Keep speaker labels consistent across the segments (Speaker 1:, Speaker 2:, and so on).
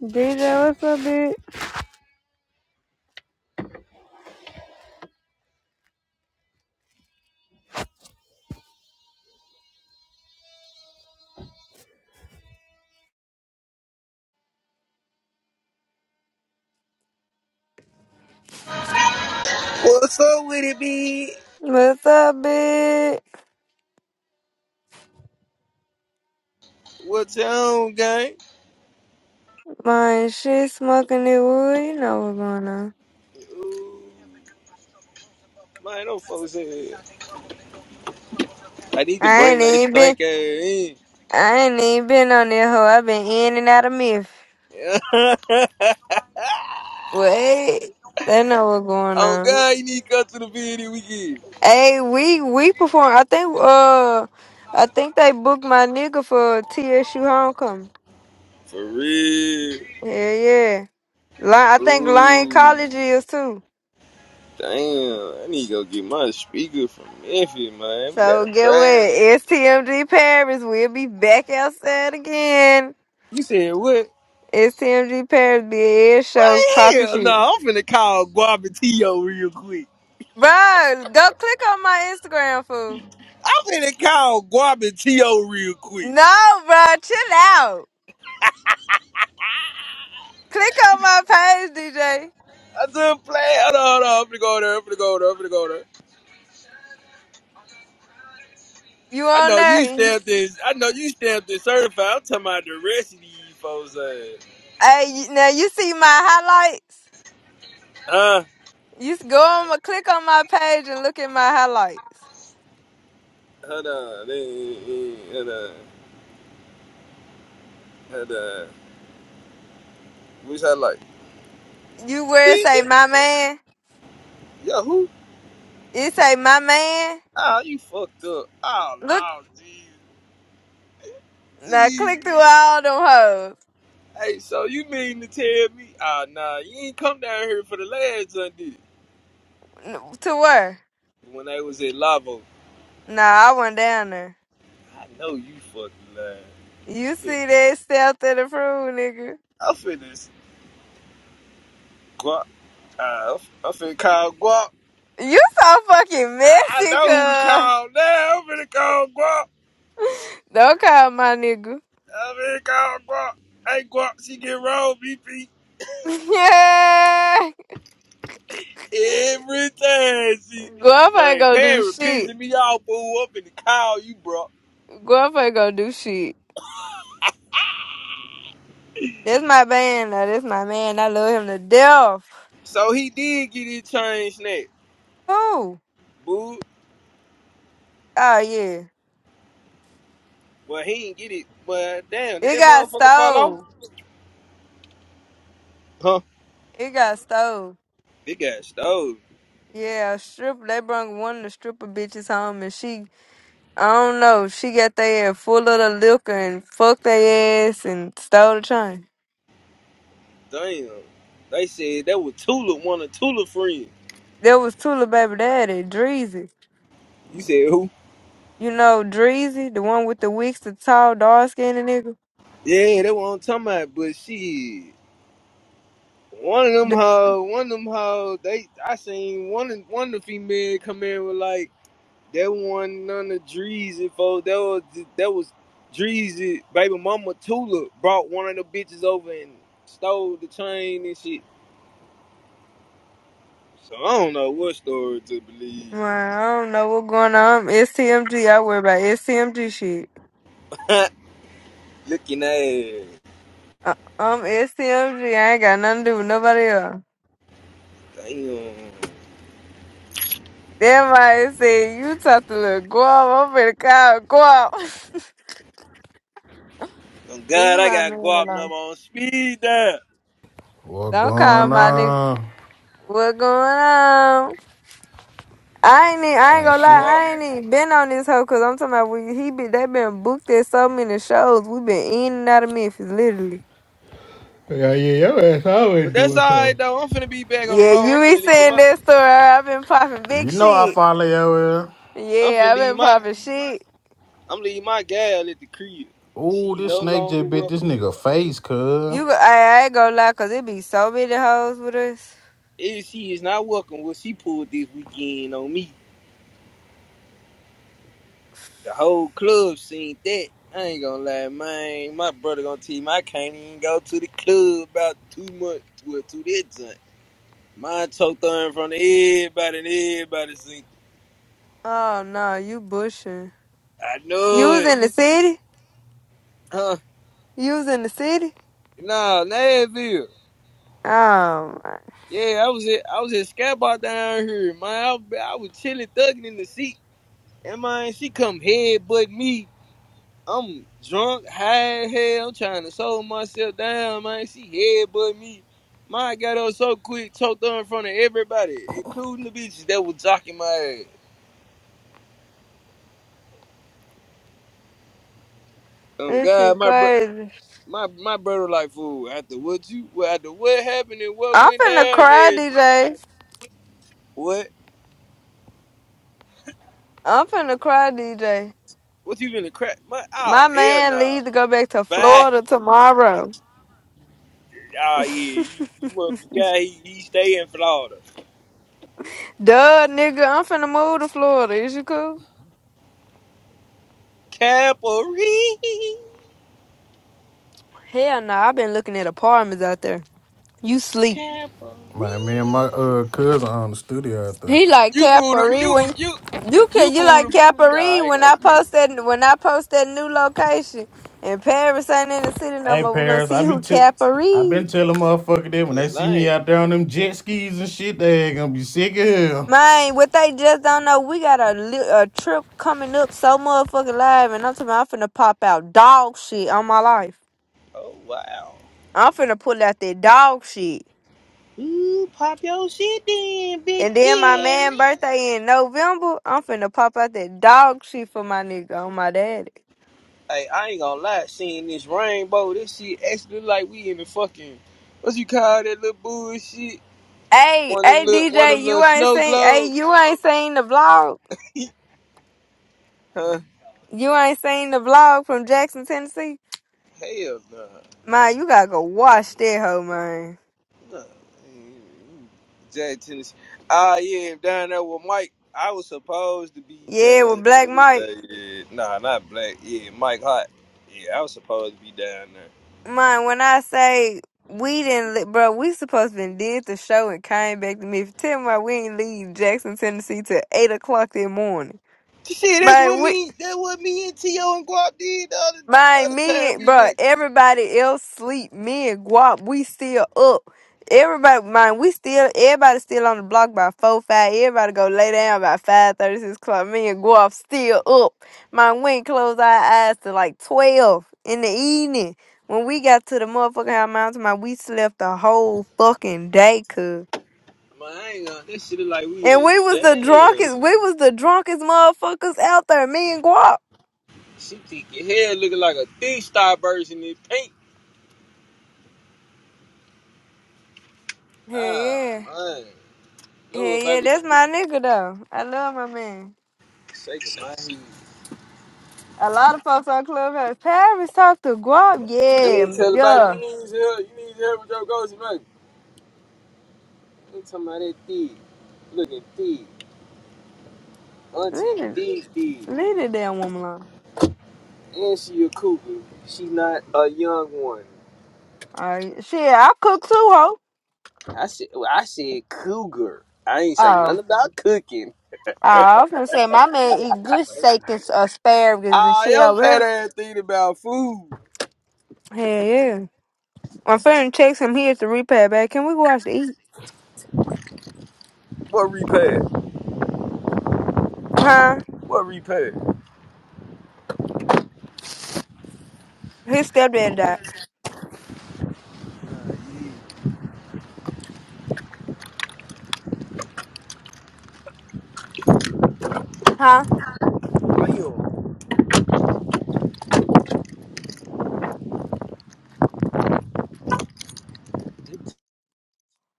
Speaker 1: DJ, what's up, bitch?
Speaker 2: What's up with it, B?
Speaker 1: What's up, bitch?
Speaker 2: What's on, gang?
Speaker 1: My shit smoking the wood. You know what's going on.
Speaker 2: Ooh, Man, no folks here. I need to
Speaker 1: I
Speaker 2: bring
Speaker 1: ain't
Speaker 2: that
Speaker 1: even been.
Speaker 2: stank ass in.
Speaker 1: I ain't even been on this hoe. i been in and out of myth. Wait, they know what's going
Speaker 2: oh,
Speaker 1: on.
Speaker 2: God, you need to come to the video weekend.
Speaker 1: Hey, we we perform. I think uh, I think they booked my nigga for TSU homecoming.
Speaker 2: For real.
Speaker 1: Yeah, yeah. Li- I think Lyon
Speaker 2: Ooh,
Speaker 1: College is too.
Speaker 2: damn. I need to go get my speaker from Memphis, man. We got a
Speaker 1: So get what?
Speaker 2: private.
Speaker 1: STMG Paris. We'll be back outside again.
Speaker 2: You said what?
Speaker 1: It's TMG Paris, be a air show,
Speaker 2: Man,
Speaker 1: popping
Speaker 2: hell no.
Speaker 1: shit.
Speaker 2: I'm finna call Guabatio real quick.
Speaker 1: Bro, go click on my Instagram, fool.
Speaker 2: I'm finna call Guabatio real quick.
Speaker 1: No, bro, chill out. Click on my page, DJ.
Speaker 2: I just play. Hold on, hold on. I'm gonna go there. I'm gonna go there. I'm gonna go there.
Speaker 1: You
Speaker 2: I
Speaker 1: on
Speaker 2: know you
Speaker 1: there? And you,
Speaker 2: stamped this. I know you stamped this certified. I'm talking about the rest of these folks. Uh,
Speaker 1: hey, you, now you see my highlights.
Speaker 2: huh?
Speaker 1: You s- go on, my- click on my page and look at my highlights.
Speaker 2: Hold on. Eh, eh, eh, Hold on. Hold on. Wish I like.
Speaker 1: You where it
Speaker 2: Stinky?
Speaker 1: say my man?
Speaker 2: Yo, who?
Speaker 1: It say my man.
Speaker 2: Oh, you fucked up. Oh,
Speaker 1: Look,
Speaker 2: no, jeez.
Speaker 1: now
Speaker 2: Jeez.
Speaker 1: click through all them hoes.
Speaker 2: Hey, so you mean to tell me? Oh, nah, you ain't come down here for the last Sunday
Speaker 1: N- To where?
Speaker 2: when I was at Lavo.
Speaker 1: Nah, I went down there.
Speaker 2: I know you fucking lying.
Speaker 1: You see
Speaker 2: I'm
Speaker 1: that stealth and approved, nigga.
Speaker 2: finna, I'm finna Uh, I'm finna call Guap.
Speaker 1: You so fucking
Speaker 2: I, I
Speaker 1: messy,
Speaker 2: know who to
Speaker 1: cuz.
Speaker 2: call now. I'm finna call Guap.
Speaker 1: Don't call my nigga.
Speaker 2: I'm finna call Guap. Hey, Guap, she get wrong, BP.
Speaker 1: Yeah.
Speaker 2: Every time she,
Speaker 1: Guap ain't
Speaker 2: man,
Speaker 1: gonna do
Speaker 2: Perry
Speaker 1: shit.
Speaker 2: pissing me off, boo. up in the call you, bro.
Speaker 1: Guap ain't gonna do shit. That's my man, though. That's my man. I love him to death.
Speaker 2: So he did get his chain snatched,
Speaker 1: Who?
Speaker 2: boo.
Speaker 1: Oh, yeah.
Speaker 2: Well, he didn't get it, but damn, did
Speaker 1: It
Speaker 2: that
Speaker 1: got
Speaker 2: motherfucker fall off?
Speaker 1: stole.
Speaker 2: Huh?
Speaker 1: It got stole.
Speaker 2: They got stole.
Speaker 1: Yeah, a stripper. They brung one of the stripper bitches home, and she, I don't know, she got their ass full of the liquor and fucked their ass and stole the chain.
Speaker 2: Damn. They said that was Tula, one of Tula friends.
Speaker 1: There was Tula Baby Daddy, Dreezy.
Speaker 2: You said who?
Speaker 1: You know Dreezy, the one with the wigs, the tall, dark skinned nigga.
Speaker 2: Yeah, they were on talking about, but shit. One of them
Speaker 1: The,
Speaker 2: hoes, one of them hoes, they I seen one of one of the female come in with like that one none of Dreezy folks. That was that was Dreezy baby mama Tula brought one of the bitches over and stole the chain and shit. So I don't know what story to believe.
Speaker 1: man, I don't know what's going on. I'm STMG. I worry about STMG shit.
Speaker 2: Looking at it.
Speaker 1: I, I'm STMG. I ain't got nothing to do with nobody else.
Speaker 2: Damn.
Speaker 1: Then my said, "You talk to little Guap. I'm finna call Guap.
Speaker 2: Oh God,
Speaker 1: Leave
Speaker 2: I
Speaker 1: my
Speaker 2: got
Speaker 1: man
Speaker 2: guap
Speaker 1: alone.
Speaker 2: number on speed dial.
Speaker 3: What
Speaker 1: Don't call
Speaker 3: going
Speaker 1: my nigga.
Speaker 3: on?
Speaker 1: What going on? I ain't even,
Speaker 2: I
Speaker 1: I ain't
Speaker 3: Man,
Speaker 1: gonna
Speaker 2: got
Speaker 1: lie,
Speaker 3: shit.
Speaker 2: guap.
Speaker 1: I ain't even been on this hoe cause I'm talking about we, he be they been booked at so many shows. We been in and out of Memphis, literally.
Speaker 3: Yeah, yeah, your ass
Speaker 2: But
Speaker 3: always
Speaker 2: that's
Speaker 3: doing
Speaker 2: alright
Speaker 3: something.
Speaker 2: though. I'm finna be back on the
Speaker 1: Yeah,
Speaker 2: road.
Speaker 1: you
Speaker 2: I'm
Speaker 1: be
Speaker 2: finna leave
Speaker 1: saying
Speaker 2: my
Speaker 1: that story. I've been popping big
Speaker 3: You know I
Speaker 1: shit.
Speaker 3: follow your ass.
Speaker 2: I'm
Speaker 1: Yeah,
Speaker 2: finna
Speaker 1: I've
Speaker 2: leave
Speaker 1: been
Speaker 2: my
Speaker 1: popping shit.
Speaker 2: I'm leaving my gal at the crib.
Speaker 3: Ooh,
Speaker 2: She's
Speaker 3: this
Speaker 2: no
Speaker 3: snake
Speaker 2: longer
Speaker 3: just bit this
Speaker 2: welcome.
Speaker 3: nigga face, cuz.
Speaker 1: You, go- I, I ain't gonna lie, cause it be so many hoes with us.
Speaker 2: If she is not welcome, what she pulled this weekend on me. The whole club seen that. I ain't gonna lie, man. My brother gonna tell me I can't even go to the club about two months well, to that time. Mine choked on in front of everybody and everybody seen it.
Speaker 1: Oh no, you bushing.
Speaker 2: I
Speaker 1: You
Speaker 2: know
Speaker 1: was
Speaker 2: it.
Speaker 1: in the city.
Speaker 2: Huh?
Speaker 1: You was in the city.
Speaker 2: Nah, Nashville.
Speaker 1: Oh my,
Speaker 2: Yeah, I was at I was at Scat Bar down here, man. I, was- I was chilling thugging in the seat. And man, she come headbutt me I'm drunk, high as hell, trying to slow myself down, man. She headbutt me. Mine got up so quick, choked her in front of everybody, including the bitches that was jocking my ass. Um,
Speaker 1: this
Speaker 2: God,
Speaker 1: shit
Speaker 2: my bro,
Speaker 1: crazy.
Speaker 2: my my brother like fool. After what you, well, after what happened and what
Speaker 1: I'm
Speaker 2: went
Speaker 1: finna
Speaker 2: down,
Speaker 1: cry,
Speaker 2: yeah,
Speaker 1: DJ.
Speaker 2: what,
Speaker 1: I'm finna cry, DJ.
Speaker 2: what you been a crap? My, oh
Speaker 1: My
Speaker 2: hell
Speaker 1: man
Speaker 2: no,
Speaker 1: leaves to go back to
Speaker 2: bye.
Speaker 1: Florida tomorrow.
Speaker 2: Oh
Speaker 1: Duh,
Speaker 2: yeah, you, you must forgot he, he stay in Florida.
Speaker 1: nigga, I'm finna move to Florida. Is you cool?
Speaker 2: Capri,
Speaker 1: Hell no, I've been looking at apartments out there. You sleep.
Speaker 3: Man, me and my
Speaker 2: Capri.
Speaker 3: uh cousin on the studio out there.
Speaker 1: He like
Speaker 2: You moved him.
Speaker 1: Caparine
Speaker 2: You
Speaker 1: when
Speaker 2: you
Speaker 1: you
Speaker 2: you
Speaker 1: can you
Speaker 2: moved
Speaker 1: like
Speaker 2: him. Nah, I
Speaker 1: Caparine
Speaker 2: ain't
Speaker 1: when
Speaker 2: gonna
Speaker 1: I
Speaker 2: do this.
Speaker 1: post that when I post that new location and Paris ain't in the city no
Speaker 3: Hey
Speaker 1: more. We're gonna
Speaker 3: Paris, I
Speaker 1: see
Speaker 3: be
Speaker 1: who
Speaker 3: t- I been
Speaker 1: Caparine.
Speaker 3: telling motherfuckers that when they
Speaker 2: Well,
Speaker 3: see
Speaker 2: I
Speaker 3: me
Speaker 2: ain't.
Speaker 3: out there on them jet skis and shit, they gonna be sick of hell.
Speaker 1: Man, what they just don't know, we got a, li- a trip coming up so motherfucking live, and I'm talking. about I'm finna pop out dog shit on my life.
Speaker 2: Oh wow.
Speaker 1: I'm finna pull out that dog shit,
Speaker 2: Ooh, pop your shit then, Big
Speaker 1: and then my man
Speaker 2: Perry.
Speaker 1: birthday in November. I'm finna pop out that dog shit for my nigga on my daddy.
Speaker 2: Hey, I ain't gonna lie. Seeing this rainbow, this shit actually like we in the fucking what you call that little bullshit?
Speaker 1: Hey,
Speaker 2: One of them
Speaker 1: hey,
Speaker 2: little one of
Speaker 1: DJ,
Speaker 2: them
Speaker 1: you
Speaker 2: little
Speaker 1: ain't
Speaker 2: snow
Speaker 1: seen. Hey,
Speaker 2: globes,
Speaker 1: you ain't seen the vlog.
Speaker 2: huh?
Speaker 1: You ain't seen the vlog from Jackson, Tennessee.
Speaker 2: Hell no. Nah.
Speaker 1: Man, you gotta go watch that hoe, man.
Speaker 2: Jack Tennessee. Ah, yeah, down there with Mike. I was supposed to be
Speaker 1: Yeah,
Speaker 2: down
Speaker 1: with
Speaker 2: there
Speaker 1: Black
Speaker 2: with
Speaker 1: Mike.
Speaker 2: that. Yeah. Nah, not Black. Yeah, Mike Hot. Yeah, I was supposed to be down there.
Speaker 1: Man, when I say we didn't, li- bro, we supposed to been did the show and came back to me. Tell me why we ain't leave Jackson, Tennessee till eight o'clock that morning.
Speaker 2: See, that's what
Speaker 1: Man, we
Speaker 2: me. That's what me and T.O. and Guap did the other, the
Speaker 1: Man,
Speaker 2: other
Speaker 1: me
Speaker 2: time
Speaker 1: and
Speaker 2: we
Speaker 1: bro,
Speaker 2: went.
Speaker 1: everybody else sleep. Me and Guap, we still up. Everybody, man, we still everybody still on the block by four five. Everybody go lay down by five thirty six o'clock. Me and Guap still up. Man, we ain't close our eyes till like twelve in the evening. When we got to the motherfucking high mountain, man, we slept the whole fucking day, cuz.
Speaker 2: Man, I ain't gonna. That shit is like
Speaker 1: And
Speaker 2: we in
Speaker 1: we was the
Speaker 2: jail.
Speaker 1: drunkest. We was the drunkest motherfuckers out there. Me and Guap.
Speaker 2: She thick as hell, looking like a thick star version in pink.
Speaker 1: Hell
Speaker 2: Ah,
Speaker 1: yeah.
Speaker 2: man,
Speaker 1: Yeah,
Speaker 2: little
Speaker 1: yeah,
Speaker 2: baby,
Speaker 1: that's my nigga though. I love my man.
Speaker 2: shaking my head.
Speaker 1: A lot of folks on Clubhouse. Paris talked to Guap.
Speaker 2: Let
Speaker 1: Yeah,
Speaker 2: me tell the baby,
Speaker 1: yeah.
Speaker 2: you need your help. You need your help with your goals, baby. I'm talking about that thief. Look at thief. Auntie,
Speaker 1: Leave it,
Speaker 2: thief, thief.
Speaker 1: leave the damn woman alone.
Speaker 2: And she a cougar. She not a young one.
Speaker 1: All right, shit, I cook too, ho.
Speaker 2: I said, well, I said cougar. I ain't say
Speaker 1: Oh, oh,
Speaker 2: nothing about cooking.
Speaker 1: I was gonna say my man eat good steak and asparagus and
Speaker 2: Ah,
Speaker 1: shit
Speaker 2: your fat
Speaker 1: over
Speaker 2: ass thinking about food.
Speaker 1: here. Yeah, yeah. My friend checks him. He at the repair back. Can we go watch the eat?
Speaker 2: What repair?
Speaker 1: Huh?
Speaker 2: What repair?
Speaker 1: His stepdad died. Huh?
Speaker 2: Why you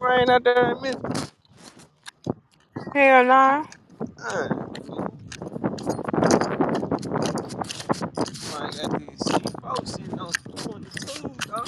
Speaker 2: rain out there in Memphis?
Speaker 1: Hell no.
Speaker 2: Uh, I got this shit. Folks sitting on 22, dog.